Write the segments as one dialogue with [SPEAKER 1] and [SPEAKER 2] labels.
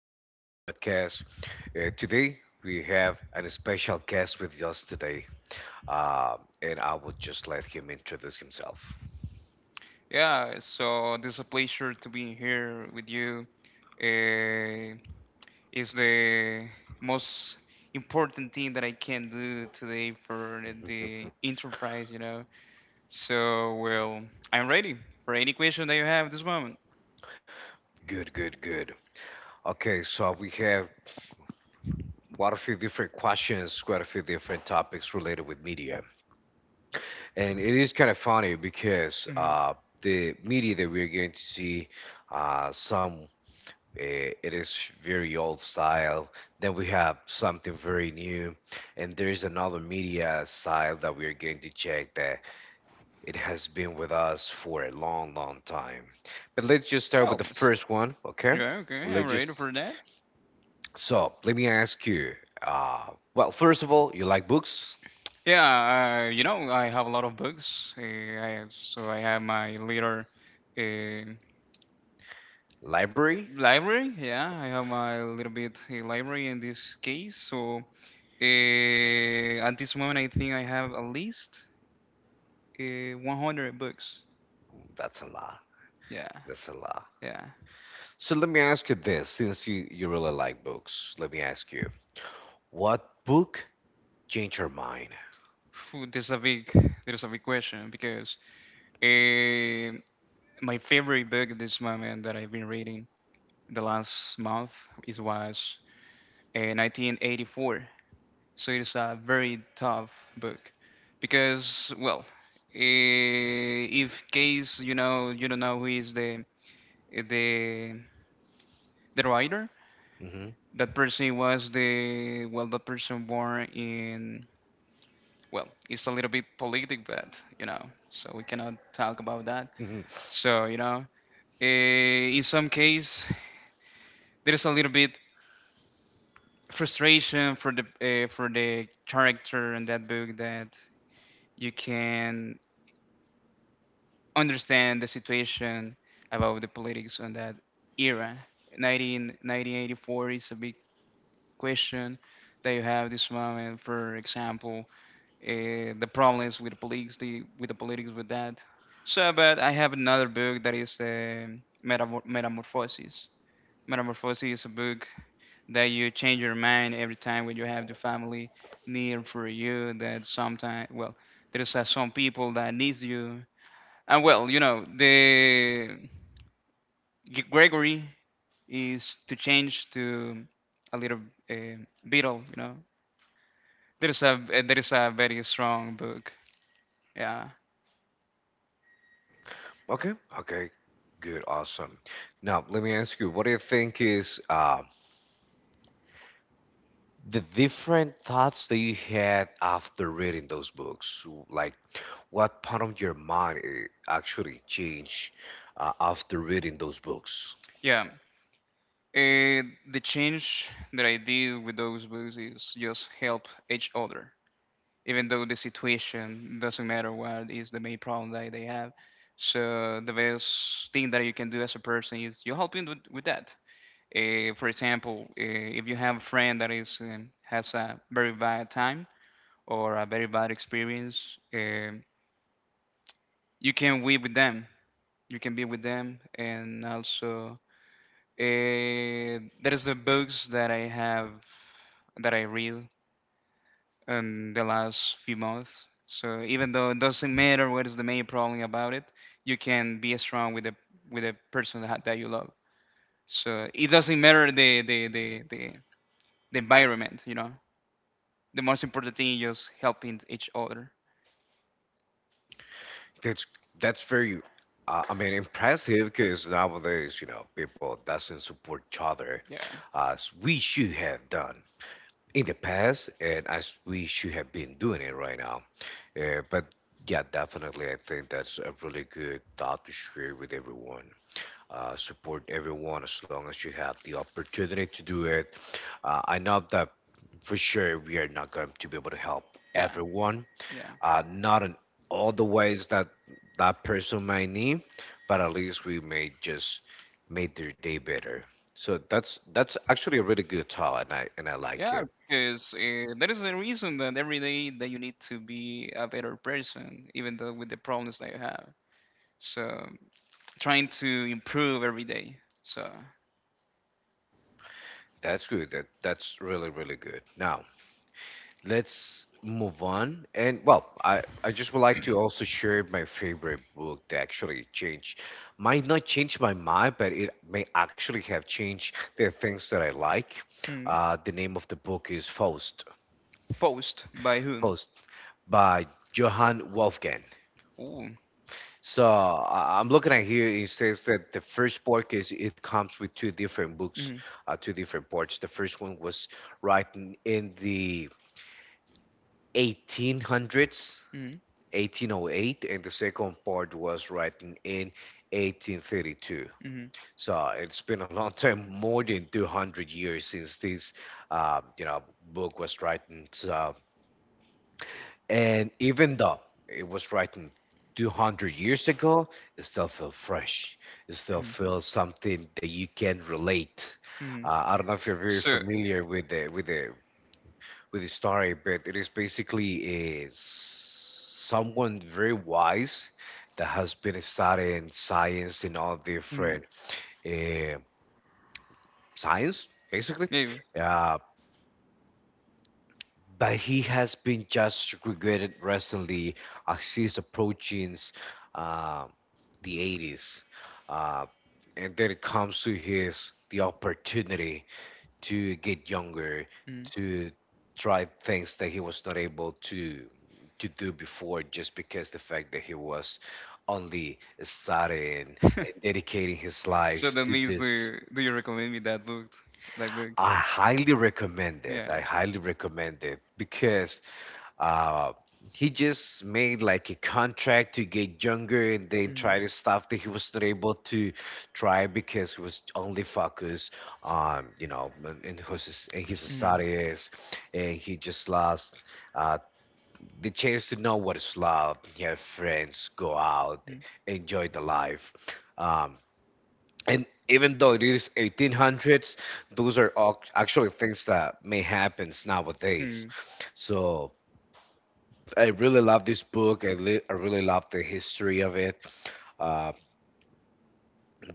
[SPEAKER 1] to another podcast. Today, we have an special guest with us today, uh, and I will just let him introduce himself.
[SPEAKER 2] Yeah, so this is a pleasure to be here with you. Uh, it's the most important thing that I can do today for the enterprise. Well, I'm ready for any question that you have at this moment.
[SPEAKER 1] Good. Okay, so we have quite a few different questions, quite a few different topics related with media. And it is kind of funny because
[SPEAKER 2] hmm
[SPEAKER 1] the media that we're going to see, some it is very old style. Then we have something very new, and there is another media style that we are going to check that it has been with us for a long, long time. But let's just start with the
[SPEAKER 2] Almost.
[SPEAKER 1] first one, okay?
[SPEAKER 2] Yeah, okay,
[SPEAKER 1] Let's
[SPEAKER 2] I'm ready
[SPEAKER 1] just
[SPEAKER 2] for that.
[SPEAKER 1] so let me ask you. Uh, well, first of all, you like books,
[SPEAKER 2] Yeah, I have a lot of books. I have, so I have my little uh,
[SPEAKER 1] library?
[SPEAKER 2] library, yeah, I have a little bit a library in this case. So at this moment, I think I have at least 100 books.
[SPEAKER 1] That's a lot.
[SPEAKER 2] Yeah,
[SPEAKER 1] That's a lot.
[SPEAKER 2] yeah.
[SPEAKER 1] So let me ask you this, since you really like books, let me ask you, what book changed your mind?
[SPEAKER 2] Phew, there's a big question because uh, my favorite book at this moment that I've been reading the last month is was 1984. So it is a very tough book because, well, if case you know you don't know who is the the writer,
[SPEAKER 1] Hmm.
[SPEAKER 2] that person was the well that person born in well it's a little bit politic, but you know so we cannot talk about that. So in some case there is a little bit frustration for the character in that book that you can understand the situation about the politics on that era. 1984 is a big question that you have this moment. For example, the problems with the politics, with the politics with that. So, but I have another book that is Metamorphosis. Metamorphosis is a book that you change your mind every time when you have the family near for you. That sometimes, well, there's some people that needs you and well you know the Gregory is to change to a little uh, beetle. You know, there is a very strong book. Yeah,
[SPEAKER 1] Okay. Okay. Good. Awesome. Now, let me ask you, what do you think is the different thoughts that you had after reading those books? Like, what part of your mind actually changed after reading those books?
[SPEAKER 2] yeah. Uh, the change that I did with those books is just help each other, even though the situation doesn't matter what is the main problem that they have. So the best thing that you can do as a person is you help him with that. For example, if you have a friend that is has a very bad time, or a very bad experience, you can be with them. You can be with them, and also there is the books that I have that I read in the last few months. So even though it doesn't matter what is the main problem about it, you can be strong with the person that you love. So it doesn't matter the environment, you know. The most important thing is just helping each other.
[SPEAKER 1] That's that's very, impressive because nowadays, people doesn't support each other
[SPEAKER 2] Yeah,
[SPEAKER 1] as we should have done in the past and as we should have been doing it right now. But yeah, definitely, I think that's a really good thought to share with everyone. Support everyone as long as you have the opportunity to do it. I know that for sure we are not going to be able to help
[SPEAKER 2] yeah,
[SPEAKER 1] everyone,
[SPEAKER 2] yeah.
[SPEAKER 1] not in all the ways that person might need, but at least we may just made their day better. So that's actually a really good thought, and I like
[SPEAKER 2] Yeah,
[SPEAKER 1] it.
[SPEAKER 2] because there is a reason that every day that you need to be a better person, even though with the problems that you have. So trying to improve every day. So
[SPEAKER 1] That's good. That's really good. Now let's move on. And well, I just would like to also share my favorite book that actually changed, might not change my mind, but it may actually have changed the things that I like.
[SPEAKER 2] hmm.
[SPEAKER 1] The name of the book is Faust.
[SPEAKER 2] Forced by whom?
[SPEAKER 1] Faust by Johann Wolfgang.
[SPEAKER 2] Ooh.
[SPEAKER 1] So I'm looking at here. It says that the first book is it comes with two different books,
[SPEAKER 2] hmm
[SPEAKER 1] two different parts. The first one was written in the 1800s,
[SPEAKER 2] hmm
[SPEAKER 1] 1808, and the second part was written in 1832.
[SPEAKER 2] hmm
[SPEAKER 1] So it's been a long time, more than 200 years since this, uh, you know, book was written. So, and even though it was written 200 years ago, it still feels fresh. It still
[SPEAKER 2] hmm
[SPEAKER 1] feels something that you can relate.
[SPEAKER 2] hmm
[SPEAKER 1] I don't know if you're very
[SPEAKER 2] So
[SPEAKER 1] familiar with the story, but it is basically is someone very wise that has been studying science in all
[SPEAKER 2] hmm
[SPEAKER 1] different eh, science, basically.
[SPEAKER 2] maybe.
[SPEAKER 1] Uh, but he has been just regretted recently as he's approaching uh, the 80s. Uh, and then it comes to his the opportunity to get younger,
[SPEAKER 2] Hmm
[SPEAKER 1] to try things that he was not able to do before just because the fact that he was only studying and dedicating his
[SPEAKER 2] So
[SPEAKER 1] life
[SPEAKER 2] that
[SPEAKER 1] to
[SPEAKER 2] means do
[SPEAKER 1] this.
[SPEAKER 2] do you recommend me that book? That book?
[SPEAKER 1] I highly recommend it.
[SPEAKER 2] Yeah.
[SPEAKER 1] I highly recommend it because uh, he just made like a contract to get younger and then
[SPEAKER 2] Mhm.
[SPEAKER 1] try the stuff that he was not able to try because he was only focused on in in his
[SPEAKER 2] Mhm.
[SPEAKER 1] studies and he just lost uh, the chance to know what is love, have friends, go out,
[SPEAKER 2] Mhm.
[SPEAKER 1] enjoy the life, um, and even though it is 1800s, those are all actually things that may happen nowadays.
[SPEAKER 2] Mhm.
[SPEAKER 1] So I really love this book. I really love the history of it. Uh,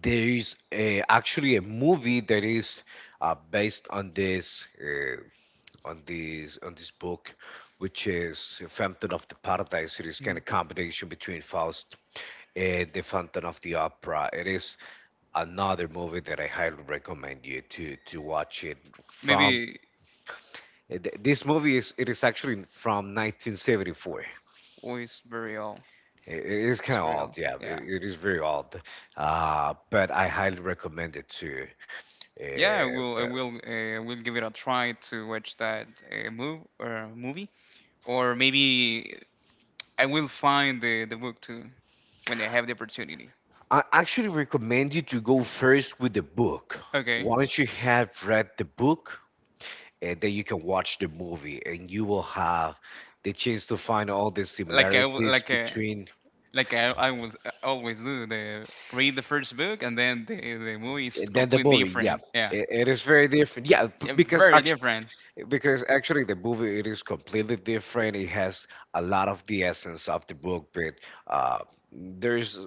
[SPEAKER 1] there is a, actually a movie that is based on this on this book, which is Phantom of the Paradise. It is kind
[SPEAKER 2] Mhm.
[SPEAKER 1] of combination between Faust and the Phantom of the Opera. It is another movie that I highly recommend you to watch it from.
[SPEAKER 2] Maybe.
[SPEAKER 1] This movie is it is actually from 1974.
[SPEAKER 2] Oh, it's very old.
[SPEAKER 1] It is kind
[SPEAKER 2] That's
[SPEAKER 1] of
[SPEAKER 2] real.
[SPEAKER 1] old, yeah.
[SPEAKER 2] Yeah.
[SPEAKER 1] It is very old, but I highly recommend it too.
[SPEAKER 2] I
[SPEAKER 1] But
[SPEAKER 2] will. I will give it a try to watch that move or movie, or maybe I will find the book too when I have the opportunity.
[SPEAKER 1] I actually recommend you to go first with the book.
[SPEAKER 2] Okay.
[SPEAKER 1] Once you have read the book, and then you can watch the movie, and you will have the chance to find all the
[SPEAKER 2] Like I w-
[SPEAKER 1] similarities
[SPEAKER 2] like a.
[SPEAKER 1] between
[SPEAKER 2] Like I was always do, the read the first book and then the movie is
[SPEAKER 1] then the
[SPEAKER 2] completely
[SPEAKER 1] movie. Yeah,
[SPEAKER 2] different. Yeah,
[SPEAKER 1] it is very different. Yeah, b-
[SPEAKER 2] yeah,
[SPEAKER 1] because
[SPEAKER 2] very different.
[SPEAKER 1] Because actually, the movie it is completely different. It has a lot of the essence of the book, but uh, there's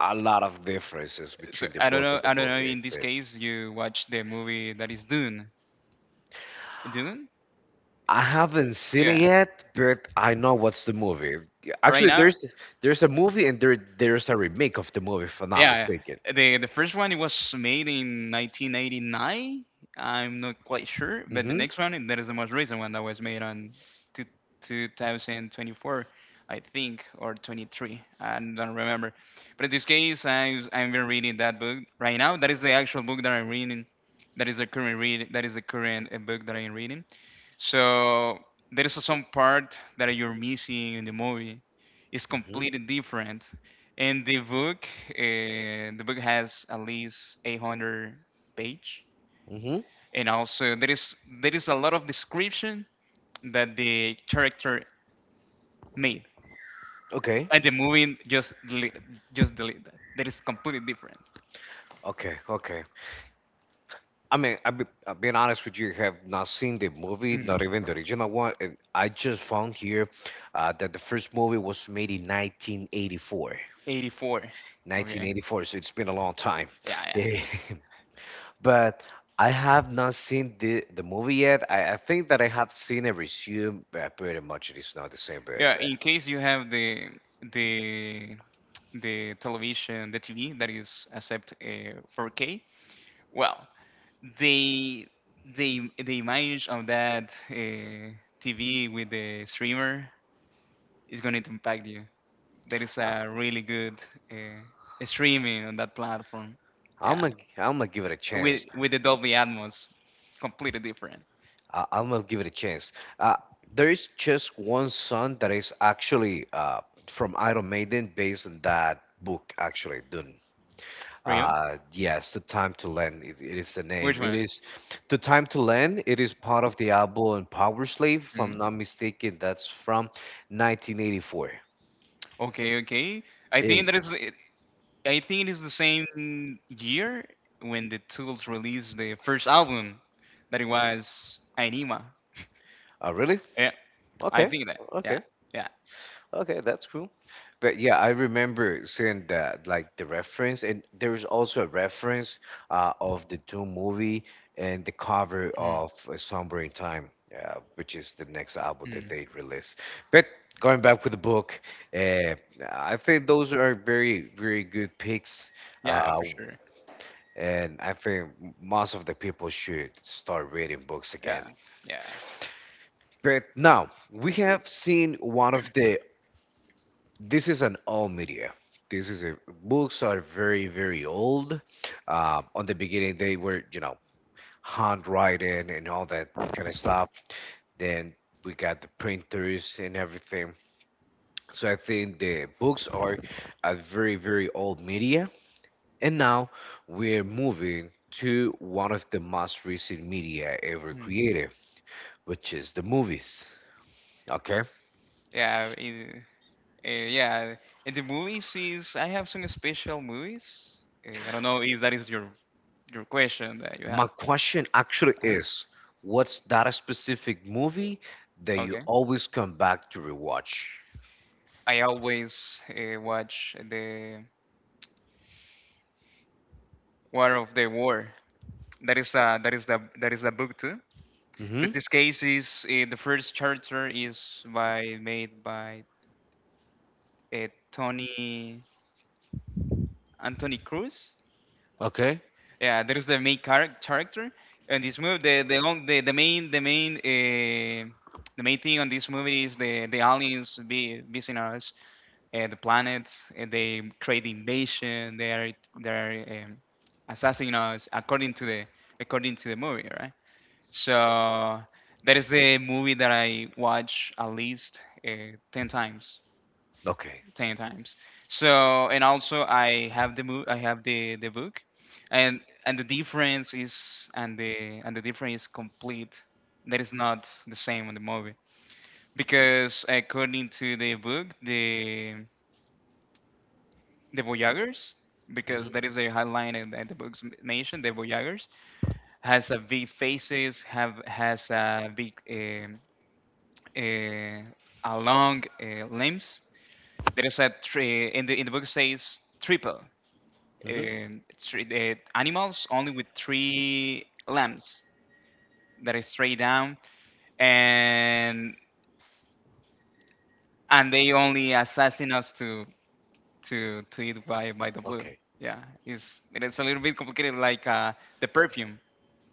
[SPEAKER 1] a lot of differences
[SPEAKER 2] So
[SPEAKER 1] between the
[SPEAKER 2] I don't
[SPEAKER 1] book
[SPEAKER 2] know.
[SPEAKER 1] and the
[SPEAKER 2] I don't know.
[SPEAKER 1] movie.
[SPEAKER 2] In this
[SPEAKER 1] But
[SPEAKER 2] case, you watch the movie that is Dune. Dune?
[SPEAKER 1] I haven't seen it
[SPEAKER 2] Yeah.
[SPEAKER 1] yet, but I know what's the movie.
[SPEAKER 2] Right
[SPEAKER 1] Actually,
[SPEAKER 2] now.
[SPEAKER 1] there's a movie and there's a remake of the movie, if I'm not
[SPEAKER 2] Yeah,
[SPEAKER 1] mistaken.
[SPEAKER 2] yeah. The first one it was made in 1989. I'm not quite sure, but the
[SPEAKER 1] Mm-hmm.
[SPEAKER 2] next one that is the most recent one that was made on two, 2024, I think, or 23. I don't remember. But in this case, I've been reading that book right now. That is the actual book that I'm reading. That is the current read. That is the current book that I'm reading. So there is some part that you're missing in the movie. It's
[SPEAKER 1] Mm-hmm.
[SPEAKER 2] completely different. And the book has at least 800 page,
[SPEAKER 1] Mm-hmm.
[SPEAKER 2] and also there is a lot of description that the character made,
[SPEAKER 1] Okay.
[SPEAKER 2] and the movie just delete that. That is completely different.
[SPEAKER 1] Okay. Okay. I mean, I've been honest with you. I have not seen the movie,
[SPEAKER 2] Mm.
[SPEAKER 1] not even the original one. And I just found here that the first movie was made in 1984.
[SPEAKER 2] 84. Okay.
[SPEAKER 1] 1984, so it's been a long time.
[SPEAKER 2] Yeah, yeah.
[SPEAKER 1] But I have not seen the movie yet. I think that I have seen a resume, but pretty much it is not the same. But
[SPEAKER 2] Yeah, in case you have the the television, the TV that is accept 4K, well, they they the image of that TV with the streamer is going to impact you. There is
[SPEAKER 1] uh,
[SPEAKER 2] a really good uh, streaming on that platform. Yeah,
[SPEAKER 1] I'm gonna give it a
[SPEAKER 2] with
[SPEAKER 1] chance.
[SPEAKER 2] the Dolby Atmos, completely different.
[SPEAKER 1] I'm gonna give it a chance. Uh, there is just one song that is actually from Iron Maiden, based on that book, actually, Dune.
[SPEAKER 2] Really?
[SPEAKER 1] Yes, The Time to Land. It is the
[SPEAKER 2] Which
[SPEAKER 1] name. It
[SPEAKER 2] one?
[SPEAKER 1] is The Time to Land. It is part of the album Power Slave, if I'm
[SPEAKER 2] Mhm.
[SPEAKER 1] not mistaken. That's from 1984.
[SPEAKER 2] Okay, okay. I
[SPEAKER 1] It,
[SPEAKER 2] think that is. I think it is the same year when the Tools released the first album, that it was Anima.
[SPEAKER 1] really?
[SPEAKER 2] Yeah, I
[SPEAKER 1] Okay.
[SPEAKER 2] think that. Yeah,
[SPEAKER 1] Okay.
[SPEAKER 2] yeah.
[SPEAKER 1] Okay. That's cool. But yeah, I remember seeing that, like the reference, and there's also a reference of the Doom movie and the cover
[SPEAKER 2] Mhm,
[SPEAKER 1] of A Somber in Time, which is the next album that
[SPEAKER 2] mhm.
[SPEAKER 1] they release. But going back with the book, uh, I think those are very, very good picks,
[SPEAKER 2] Yeah,
[SPEAKER 1] uh,
[SPEAKER 2] for sure.
[SPEAKER 1] and I think most of the people should start reading books again.
[SPEAKER 2] Yeah, yeah.
[SPEAKER 1] But now we have seen one of the this is an old media. This is a books are very, very old. On the beginning, they were handwriting and all that kind of stuff. Then we got the printers and everything. So I think the books are a very, very old media, and now we're moving to one of the most recent media ever
[SPEAKER 2] Mhm.
[SPEAKER 1] created, which is the movies. Okay,
[SPEAKER 2] Yeah, it- yeah, in the movies is I have some special movies. I don't know if that is your question that you
[SPEAKER 1] my
[SPEAKER 2] have.
[SPEAKER 1] question actually
[SPEAKER 2] Uh-huh.
[SPEAKER 1] is, what's that specific movie that you
[SPEAKER 2] Okay.
[SPEAKER 1] always come back to rewatch?
[SPEAKER 2] I always watch the War of the War. That is a that is a book too.
[SPEAKER 1] Mm-hmm.
[SPEAKER 2] But this case is the first character is by made by Tony Anthony Cruz.
[SPEAKER 1] Okay.
[SPEAKER 2] Yeah, there is the main character in this movie. The on- the, the main the main the main thing on this movie is the aliens be visiting us, the planets, and they create invasion. They are assassinating us according to the movie, right? So that is the movie that I watch at least ten times.
[SPEAKER 1] Okay.
[SPEAKER 2] 10 times so and also I have I have the book and and the difference is and the difference is complete that is not the same on the movie because according to the book the voyagers
[SPEAKER 1] Hmm.
[SPEAKER 2] because that is the headline that the books mentioned the voyagers has a big faces have has a big uh, a long limbs there is a tree in the book says triple
[SPEAKER 1] Hmm.
[SPEAKER 2] three, the animals only with three limbs that is straight down, and they only assassin us to to eat by the blood.
[SPEAKER 1] Okay.
[SPEAKER 2] Yeah, it's a little bit complicated, like the perfume,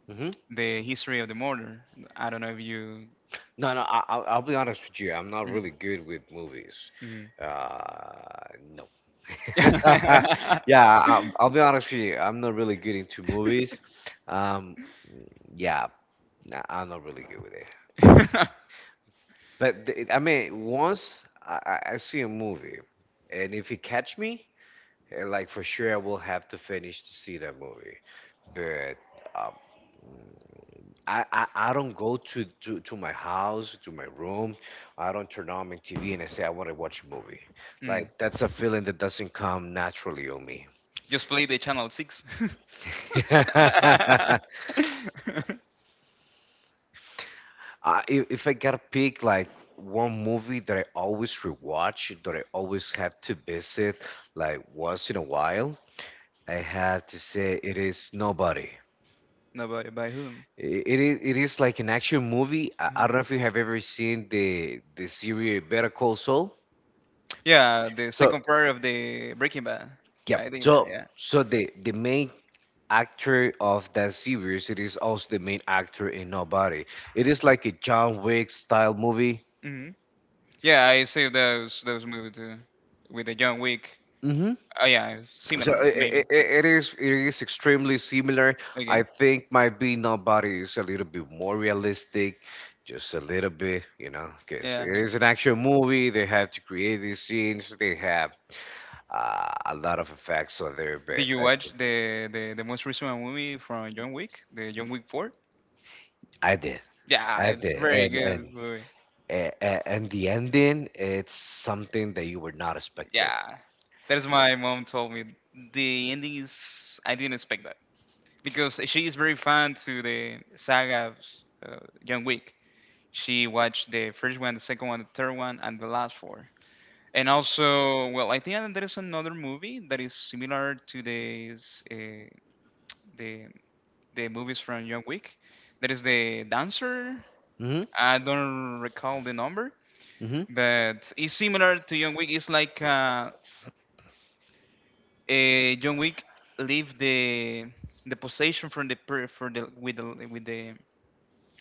[SPEAKER 1] Hmm.
[SPEAKER 2] the history of the murder. I don't know if you.
[SPEAKER 1] No, no. I'll be honest with you. I'm not really good with movies.
[SPEAKER 2] Mm,
[SPEAKER 1] No.
[SPEAKER 2] mm.
[SPEAKER 1] Yeah, I'll be honest with you. I'm not really good into movies. Um, yeah, nah, I'm not really good with it. But I mean, once I see a movie, and if it catch me, like for sure I will have to finish to see that movie. But um, I don't go to my house to my room. I don't turn on my TV and I say I want to watch a movie.
[SPEAKER 2] Mm.
[SPEAKER 1] Like that's a feeling that doesn't come naturally on me.
[SPEAKER 2] Just play the channel six.
[SPEAKER 1] I, if I gotta pick like one movie that I always rewatch, that I always have to visit, like once in a while, I have to say it is Nobody.
[SPEAKER 2] Nobody by whom?
[SPEAKER 1] It is like an action movie. I
[SPEAKER 2] Mhm.
[SPEAKER 1] don't know if you have ever seen the series Better Call Saul.
[SPEAKER 2] Yeah, the
[SPEAKER 1] So
[SPEAKER 2] second part of the Breaking Bad.
[SPEAKER 1] yep.
[SPEAKER 2] I think that,
[SPEAKER 1] So
[SPEAKER 2] yeah.
[SPEAKER 1] the main actor of that series it is also the main actor in Nobody. It is like a John Wick style movie.
[SPEAKER 2] Mm-hmm. Yeah, I see those movies too. With the John Wick.
[SPEAKER 1] Mhm.
[SPEAKER 2] Oh yeah,
[SPEAKER 1] So
[SPEAKER 2] similar
[SPEAKER 1] i i
[SPEAKER 2] maybe.
[SPEAKER 1] i- it is it is extremely similar. I
[SPEAKER 2] Okay.
[SPEAKER 1] think might be Nobody is a little bit more realistic, just a little bit, you know, because it
[SPEAKER 2] Yeah.
[SPEAKER 1] is an actual movie. They have to create these scenes. They have a lot of effects on there, but
[SPEAKER 2] Did you
[SPEAKER 1] that's
[SPEAKER 2] watch
[SPEAKER 1] it.
[SPEAKER 2] the most recent movie from John Wick? The John Wick 4?
[SPEAKER 1] I did.
[SPEAKER 2] Yeah,
[SPEAKER 1] I
[SPEAKER 2] it's
[SPEAKER 1] did.
[SPEAKER 2] very
[SPEAKER 1] And
[SPEAKER 2] good
[SPEAKER 1] and
[SPEAKER 2] movie.
[SPEAKER 1] a- a- and the ending, it's something that you were not expecting.
[SPEAKER 2] Yeah. That's my mom told me. The ending is I didn't expect that. Because she is very fan to the saga of uh, John Wick. She watched the first one, the second one, the third one, and the last four. And also, well, I think that there is another movie that is similar to the movies from John Wick. That is the Dancer.
[SPEAKER 1] Mm-hmm.
[SPEAKER 2] I don't recall the number,
[SPEAKER 1] Mm-hmm.
[SPEAKER 2] but it's similar to John Wick. It's like John Wick leave the possession from the per- for the with the with the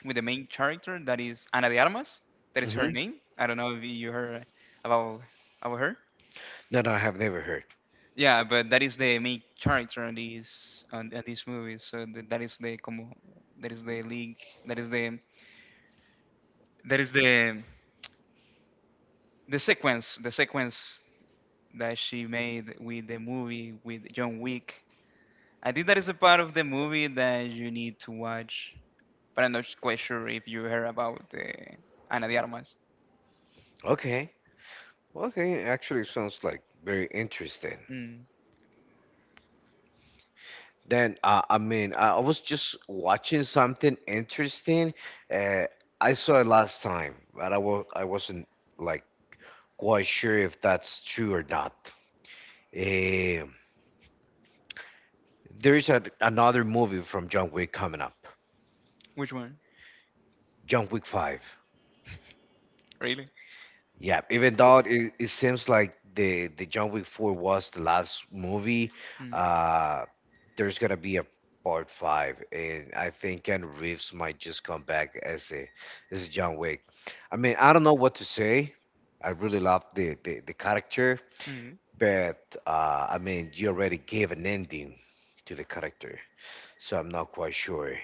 [SPEAKER 2] with the main character that is Ana de Armas. That is
[SPEAKER 1] Mm-hmm.
[SPEAKER 2] her name. I don't know if you heard about her.
[SPEAKER 1] No, no, I have never heard.
[SPEAKER 2] Yeah, but that is the main character on this on this movie. So that is the como that is the league that is the the sequence that she made with the movie with John Wick. I think that is a part of the movie that you need to watch, but I'm not quite sure if you heard about Ana de Armas.
[SPEAKER 1] Okay. Well, okay, actually sounds like very interesting.
[SPEAKER 2] Mm.
[SPEAKER 1] Then I was just watching something interesting. Uh, I saw it last time, but I wasn't like quite sure if that's true or not. Um there is another movie from John Wick coming up,
[SPEAKER 2] Which one?
[SPEAKER 1] John Wick Five.
[SPEAKER 2] Really?
[SPEAKER 1] Yeah, even though it seems like the John Wick 4 was the last movie,
[SPEAKER 2] Mm.
[SPEAKER 1] uh, there's gonna be a part five, and I think Ken Reeves might just come back as a John Wick. I mean, I don't know what to say. I really love the character,
[SPEAKER 2] Mm.
[SPEAKER 1] but I mean, you already gave an ending to the character. So I'm not quite sure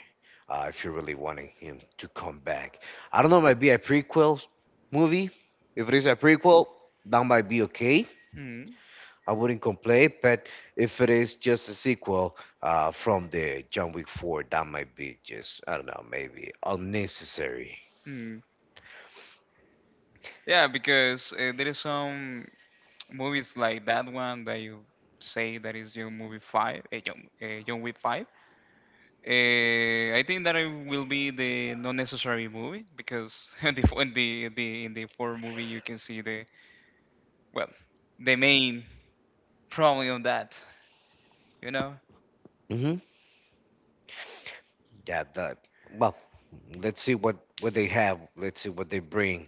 [SPEAKER 1] if you're really wanting him to come back. I don't know, might be a prequel movie. If it is a prequel, that might be okay.
[SPEAKER 2] Mm,
[SPEAKER 1] I wouldn't complain, but if it is just a sequel from the John Wick 4, that might be just, I don't know, maybe unnecessary.
[SPEAKER 2] mm. Yeah, because there is some movies like that one that you say that is your movie five, John Wick five. I think that it will be the non necessary movie because the in the four movie you can see the well the main problem of that, you know?
[SPEAKER 1] Hmm. Yeah, that, well, let's see what they have. Let's see what they bring.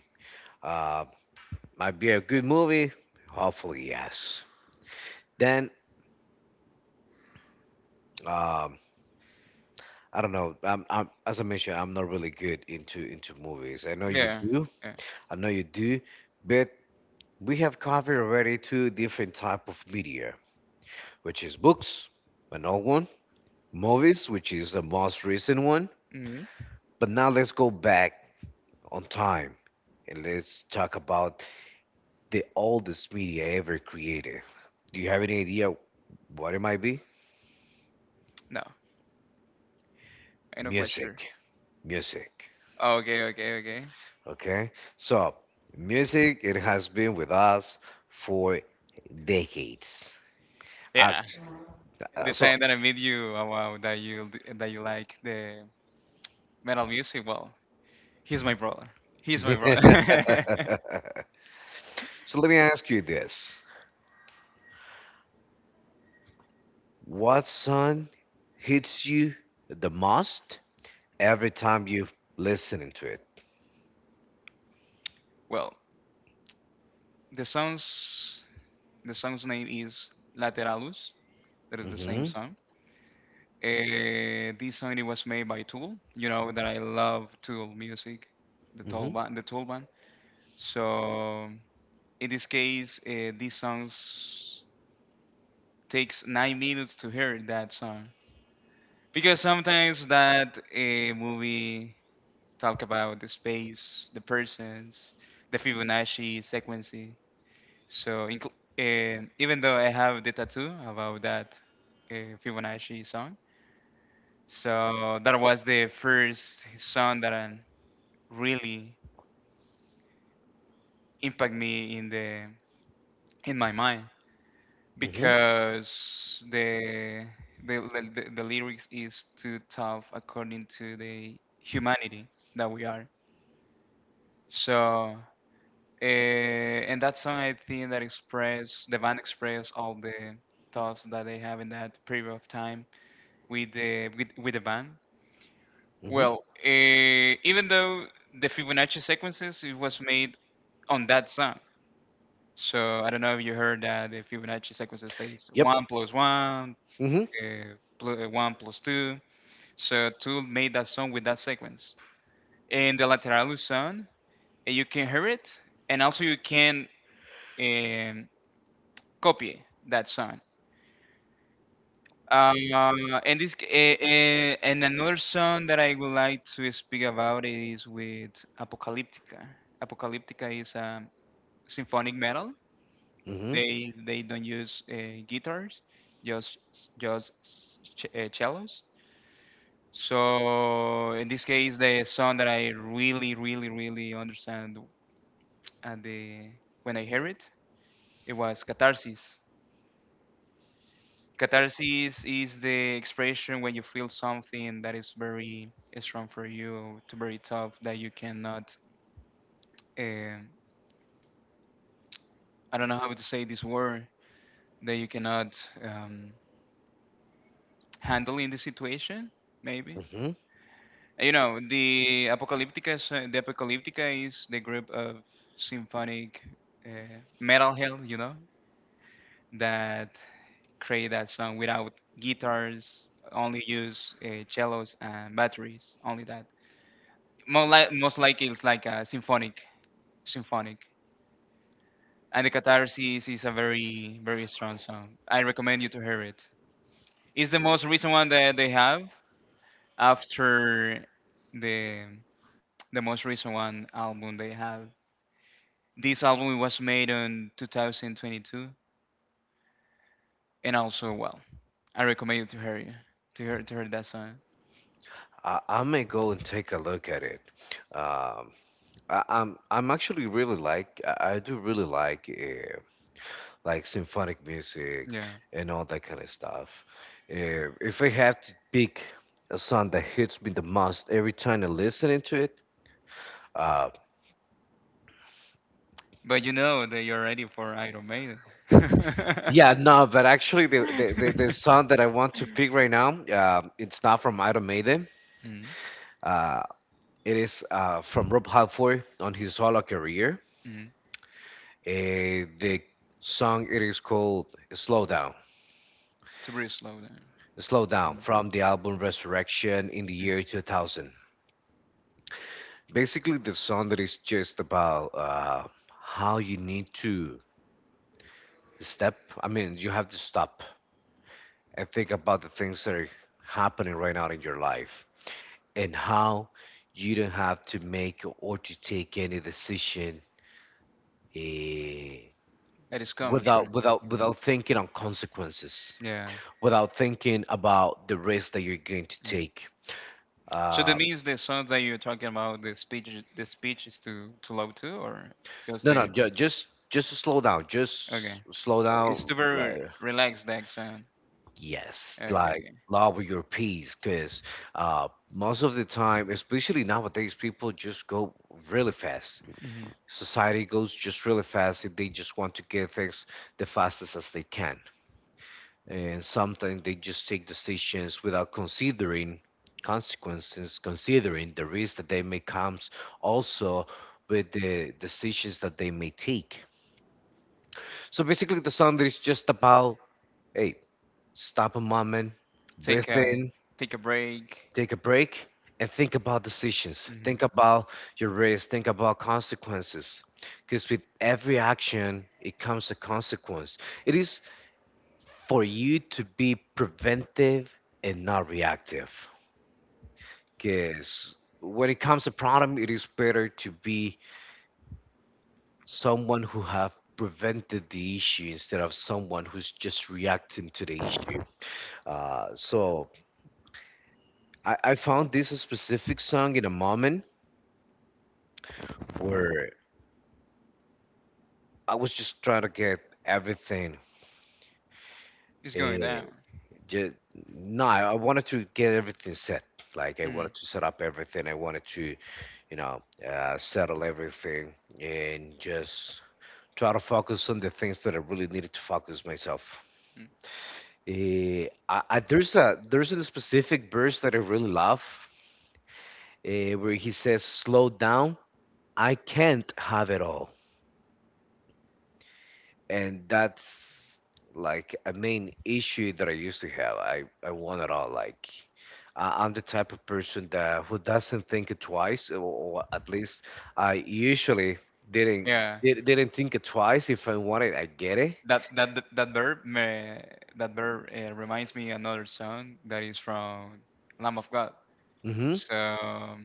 [SPEAKER 1] Uh, might be a good movie. Hopefully, yes. Then, um, I don't know. As I mentioned, I'm not really good into movies. I know you
[SPEAKER 2] Yeah.
[SPEAKER 1] do.
[SPEAKER 2] yeah.
[SPEAKER 1] I know you do, but we have covered already two different type of media, which is books, an old one, movies, which is the most recent one.
[SPEAKER 2] hmm
[SPEAKER 1] But now let's go back on time and let's talk about the oldest media ever created. Do you have any idea what it might be?
[SPEAKER 2] No, I know quite sure.
[SPEAKER 1] Music. Music.
[SPEAKER 2] Okay, okay, okay.
[SPEAKER 1] Okay, so music, it has been with us for decades. Uh,
[SPEAKER 2] Yeah, the
[SPEAKER 1] so,
[SPEAKER 2] time that I meet you, oh, wow, that you like the metal music, well, he's my brother. He's my brother.
[SPEAKER 1] so let me ask you this: what song hits you the most every time you listening to it?
[SPEAKER 2] well, the song's the song's name is Lateralus. That is the same
[SPEAKER 1] Mm-hmm.
[SPEAKER 2] song. This song it was made by Tool. You know that I love Tool music,
[SPEAKER 1] Mm-hmm.
[SPEAKER 2] the Tool band. So in this case, this song takes 9 minutes to hear that song because sometimes that movie talk about the space, the persons, the Fibonacci sequence. So even though I have the tattoo about that Fibonacci song, so that was the first song that really impacted me in the in my mind
[SPEAKER 1] Mm-hmm.
[SPEAKER 2] because the, the lyrics is too tough according to the humanity that we are. So, and that song, I think, that express the band express all the thoughts that they have in that period of time with the band.
[SPEAKER 1] Mm-hmm.
[SPEAKER 2] Well, even though the Fibonacci sequences it was made on that song, so I don't know if you heard that the Fibonacci sequences says
[SPEAKER 1] Yep.
[SPEAKER 2] one plus one,
[SPEAKER 1] Mm-hmm.
[SPEAKER 2] uh, one plus two. So Tool made that song with that sequence. And the Lateralu song, you can hear it, and also you can um, copy that song. Uh, and and another song that I would like to speak about is with Apocalyptica. Apocalyptica is symphonic metal.
[SPEAKER 1] Mm-hmm.
[SPEAKER 2] They don't use guitars, just just cellos. So in this case, the song that I really really really understand at the when I hear it, it was Catharsis. Catharsis is the expression when you feel something that is very strong for you, to very tough that you cannot. Uh, I don't know how to say this word that you cannot handle in the situation. Maybe
[SPEAKER 1] Mm-hmm.
[SPEAKER 2] you know the Apocalyptica. Is, the apocalyptica is the group of symphonic metal hell. You know that create that song without guitars, only use cellos and batteries, only that. More like most likely it's like a symphonic, and the Catarsis is a very very strong song. I recommend you to hear it. It's the most recent one that they have after the the most recent one album they have. This album was made in 2022, and also, well, I recommend you to hear that song.
[SPEAKER 1] I may go and take a look at it. Um, I'm actually really like I do really like symphonic music
[SPEAKER 2] Yeah,
[SPEAKER 1] and all that kind of stuff. If I have to pick a song that hits me the most every time I listen to it, uh,
[SPEAKER 2] but you know that you're ready for Iron Maiden.
[SPEAKER 1] yeah, no, but actually the, the the
[SPEAKER 2] Mm-hmm.
[SPEAKER 1] the song that I want to pick right now, it's not from Iron Maiden. Uh, it is from Rob Halford on his solo career. The song it is called "Slow Down."
[SPEAKER 2] To very slow then.
[SPEAKER 1] Slow Down
[SPEAKER 2] Mm,
[SPEAKER 1] from the album Resurrection in the
[SPEAKER 2] mm.
[SPEAKER 1] year 2000. Basically, the song that is just about how you need to step. I mean, you have to stop and think about the things that are happening right now in your life and how you don't have to make or to take any decision eh,
[SPEAKER 2] It is Comics, right?
[SPEAKER 1] without without
[SPEAKER 2] Mhm.
[SPEAKER 1] without thinking on consequences.
[SPEAKER 2] Yeah.
[SPEAKER 1] Without thinking about the risk that you're going to
[SPEAKER 2] Mm.
[SPEAKER 1] take.
[SPEAKER 2] So that
[SPEAKER 1] Uh,
[SPEAKER 2] means the songs that you're talking about, the speech is too low too, or just
[SPEAKER 1] no, no,
[SPEAKER 2] the
[SPEAKER 1] ju- Just slow down.
[SPEAKER 2] okay?
[SPEAKER 1] Just slow
[SPEAKER 2] It's
[SPEAKER 1] down.
[SPEAKER 2] too very
[SPEAKER 1] Like
[SPEAKER 2] relaxed that sound.
[SPEAKER 1] yes,
[SPEAKER 2] Okay,
[SPEAKER 1] like
[SPEAKER 2] okay.
[SPEAKER 1] love your peace, because most of the time, especially nowadays, people just go really fast.
[SPEAKER 2] hmm
[SPEAKER 1] Society goes just really fast, and they just want to get things the fastest as they can. And sometimes they just take decisions without considering consequences, considering the risk that they may come also with the decisions that they may take. So basically, the sound is just about hey, stop a moment, breathe
[SPEAKER 2] Take a
[SPEAKER 1] in,
[SPEAKER 2] break.
[SPEAKER 1] take a break, and think about decisions. Think
[SPEAKER 2] hmm
[SPEAKER 1] about your risk, think about consequences. Because with every action, it comes a consequence. It is for you to be preventive and not reactive. Because when it comes to problem, it is better to be someone who have prevented the issue instead of someone who's just reacting to the issue. So I found this specific song in a moment where I was just trying to get everything
[SPEAKER 2] It's going
[SPEAKER 1] and
[SPEAKER 2] down.
[SPEAKER 1] just no, I wanted to get everything set. Like I
[SPEAKER 2] Mm.
[SPEAKER 1] wanted to set up everything. I wanted to you know, settle everything and just try to focus on the things that I really needed to focus myself.
[SPEAKER 2] Mm.
[SPEAKER 1] There's a there's a specific verse that I really love where he says, "Slow down. I can't have it all." And that's like a main issue that I used to have. I want it all. Like I'm the type of person that who doesn't think it twice, or at least I usually didn't
[SPEAKER 2] Yeah.
[SPEAKER 1] did, didn't think it twice. If I want it, I get it.
[SPEAKER 2] That verb reminds me another song that is from Lamb of God.
[SPEAKER 1] Hmm.
[SPEAKER 2] So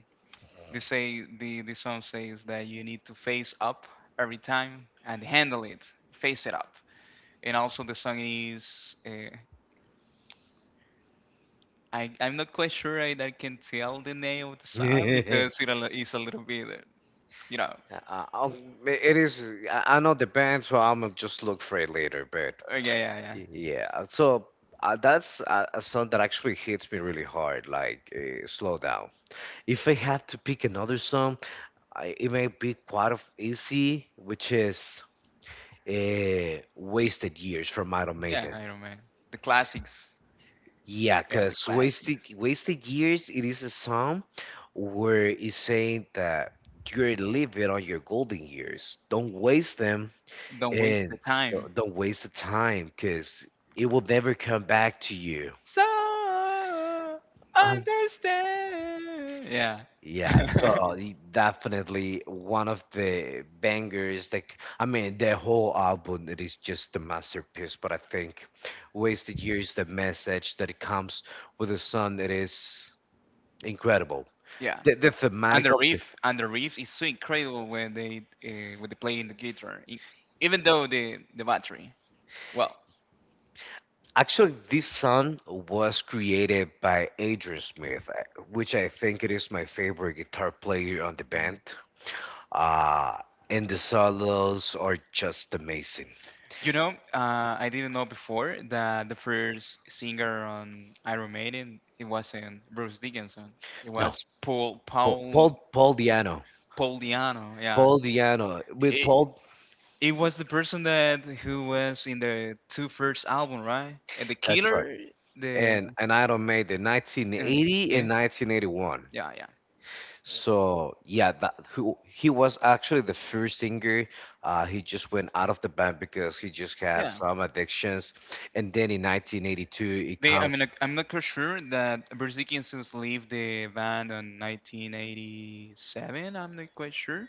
[SPEAKER 2] they say the song says that you need to face up every time and handle it, face it up. And also the song is I'm not quite sure I can tell the name of the song because it is a little bit you know
[SPEAKER 1] I'll- it is. I know the band, so I'm gonna just look for it later. But
[SPEAKER 2] yeah, yeah, yeah,
[SPEAKER 1] yeah, so that's a song that actually hits me really hard. Like slow down. If I had to pick another song, it might be quite of easy, which is "Wasted Years" from Iron
[SPEAKER 2] yeah.
[SPEAKER 1] Maiden.
[SPEAKER 2] Iron Man, the classics.
[SPEAKER 1] Yeah,
[SPEAKER 2] Yeah, the
[SPEAKER 1] cause "Wasted
[SPEAKER 2] classics,
[SPEAKER 1] Wasted Years" it is a song where it's saying that you're living on your golden years. Don't waste them,
[SPEAKER 2] don't waste
[SPEAKER 1] and
[SPEAKER 2] the time.
[SPEAKER 1] don't waste the time, cause it will never come back to you.
[SPEAKER 2] So
[SPEAKER 1] Um,
[SPEAKER 2] understand. Yeah.
[SPEAKER 1] Yeah, so definitely one of the bangers. Like, I mean, the whole album it is just a masterpiece. But I think "Wasted Years," the message that it comes with the song, it is incredible.
[SPEAKER 2] Yeah.
[SPEAKER 1] The
[SPEAKER 2] And
[SPEAKER 1] thematic
[SPEAKER 2] the
[SPEAKER 1] of the
[SPEAKER 2] riff, and the riff is so incredible when they play in the guitar, even though the battery. Well,
[SPEAKER 1] actually this song was created by Adrian Smith, which I think it is my favorite guitar player on the band.
[SPEAKER 2] mm.
[SPEAKER 1] Uh, and the solos are just amazing.
[SPEAKER 2] you know, I didn't know before that the first singer on Iron Maiden it wasn't Bruce Dickinson. It
[SPEAKER 1] No,
[SPEAKER 2] was Paul Paul
[SPEAKER 1] Paul Di'Anno.
[SPEAKER 2] Paul Diano. Yeah,
[SPEAKER 1] Paul Diano with
[SPEAKER 2] it
[SPEAKER 1] Paul.
[SPEAKER 2] it was the person that who was in the two first album, right? And the
[SPEAKER 1] That's right.
[SPEAKER 2] Killer, the
[SPEAKER 1] And Iron Maiden,
[SPEAKER 2] um,
[SPEAKER 1] 1980
[SPEAKER 2] yeah,
[SPEAKER 1] and 1981.
[SPEAKER 2] yeah, yeah,
[SPEAKER 1] So yeah, that who he was actually the first singer. He just went out of the band because he just had
[SPEAKER 2] yeah.
[SPEAKER 1] some addictions. And then in 1982, it
[SPEAKER 2] They, I
[SPEAKER 1] comes.
[SPEAKER 2] mean, like, I'm not quite sure that Berzikians leave the band on 1987. I'm not quite sure.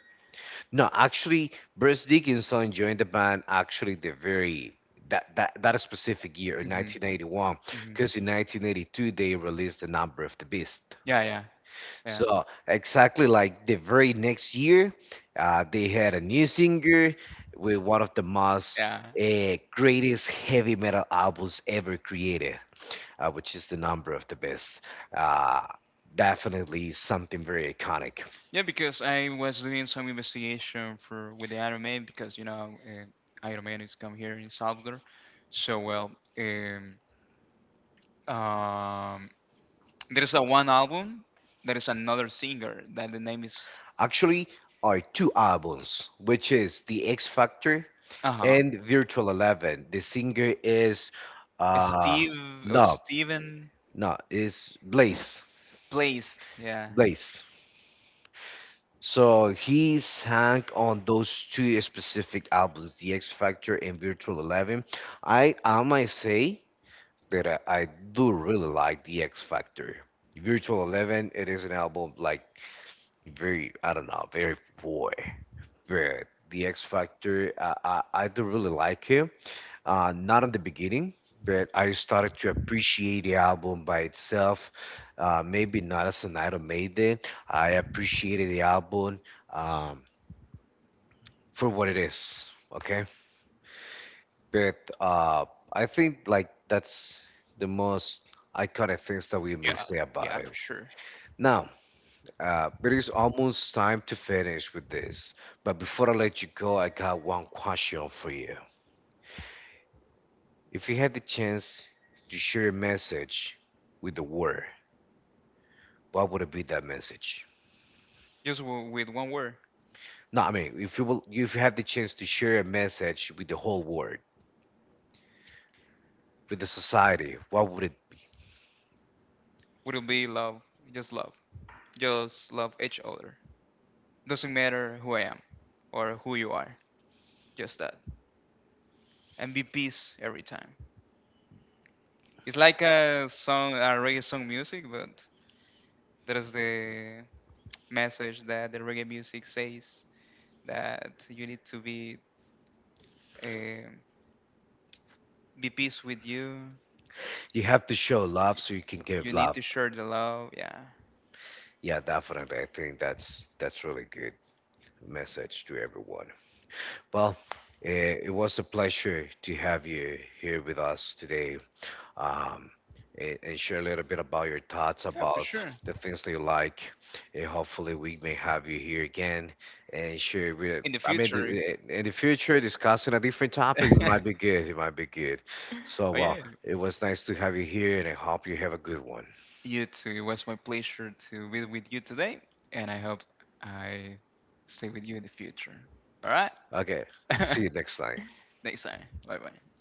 [SPEAKER 1] No, actually, Bruce Dickinson joined the band actually the very that specific year in
[SPEAKER 2] Hmm.
[SPEAKER 1] 1981,
[SPEAKER 2] Hmm.
[SPEAKER 1] because in 1982 they released The Number of the Beast.
[SPEAKER 2] Yeah, yeah, yeah,
[SPEAKER 1] So exactly like the very next year, they had a new singer with one of the most
[SPEAKER 2] yeah.
[SPEAKER 1] greatest heavy metal albums ever created, which is the number of the best. Uh, Definitely something very iconic.
[SPEAKER 2] Yeah, because I was doing some investigation for with the Iron Man because Iron Man is come here in Salvador. So, well, um, there is a one album. There is another singer that the name is.
[SPEAKER 1] Actually, are two albums, which is the X Factor
[SPEAKER 2] Uh huh.
[SPEAKER 1] and Virtual 11. The singer is uh,
[SPEAKER 2] Steve or
[SPEAKER 1] no,
[SPEAKER 2] Steven
[SPEAKER 1] no, is Blaze.
[SPEAKER 2] Blazed. Yeah.
[SPEAKER 1] Blaze. So he sang on those two specific albums, The X Factor and Virtual 11. I might say that I do really like The X Factor. Virtual 11, it is an album like very I don't know, very boy. But The X Factor, I do really like him. Not in the beginning, but I started to appreciate the album by itself. Maybe not as an item made it. I appreciated the album. Um, for what it is. Okay, but I think like that's the most iconic things that we may
[SPEAKER 2] Yeah,
[SPEAKER 1] say about
[SPEAKER 2] yeah,
[SPEAKER 1] it.
[SPEAKER 2] for sure.
[SPEAKER 1] Now, it is almost time to finish with this, but before I let you go, I got one question for you. If you had the chance to share a message with the world, what would it be that message?
[SPEAKER 2] Just with one word.
[SPEAKER 1] No, I mean, if you will, if you had the chance to share a message with the whole world, with the society, what would it?
[SPEAKER 2] Would it be love? Just love. Just love each other. Doesn't matter who I am or who you are. Just that. And be peace every time. It's like a song, a reggae song music, but that is the message that the reggae music says that you need to um be peace with you.
[SPEAKER 1] You have to show love so you can give
[SPEAKER 2] You need
[SPEAKER 1] love.
[SPEAKER 2] to share the love. Yeah.
[SPEAKER 1] Yeah, definitely. I think that's really good message to everyone. Well, it was a pleasure to have you here with us today, um, and share a little bit about your thoughts
[SPEAKER 2] Yeah, for
[SPEAKER 1] about
[SPEAKER 2] sure.
[SPEAKER 1] the things that you like. And hopefully, we may have you here again and share. With,
[SPEAKER 2] In the
[SPEAKER 1] I mean,
[SPEAKER 2] future.
[SPEAKER 1] in the future, discussing a different topic
[SPEAKER 2] But
[SPEAKER 1] might be good. It might be good. So,
[SPEAKER 2] yeah,
[SPEAKER 1] well, it was nice to have you here, and I hope you have a good one.
[SPEAKER 2] you too. It was my pleasure to be with you today, and I hope I stay with you in the future. All right.
[SPEAKER 1] Okay, see you next time.
[SPEAKER 2] Next time. Bye bye.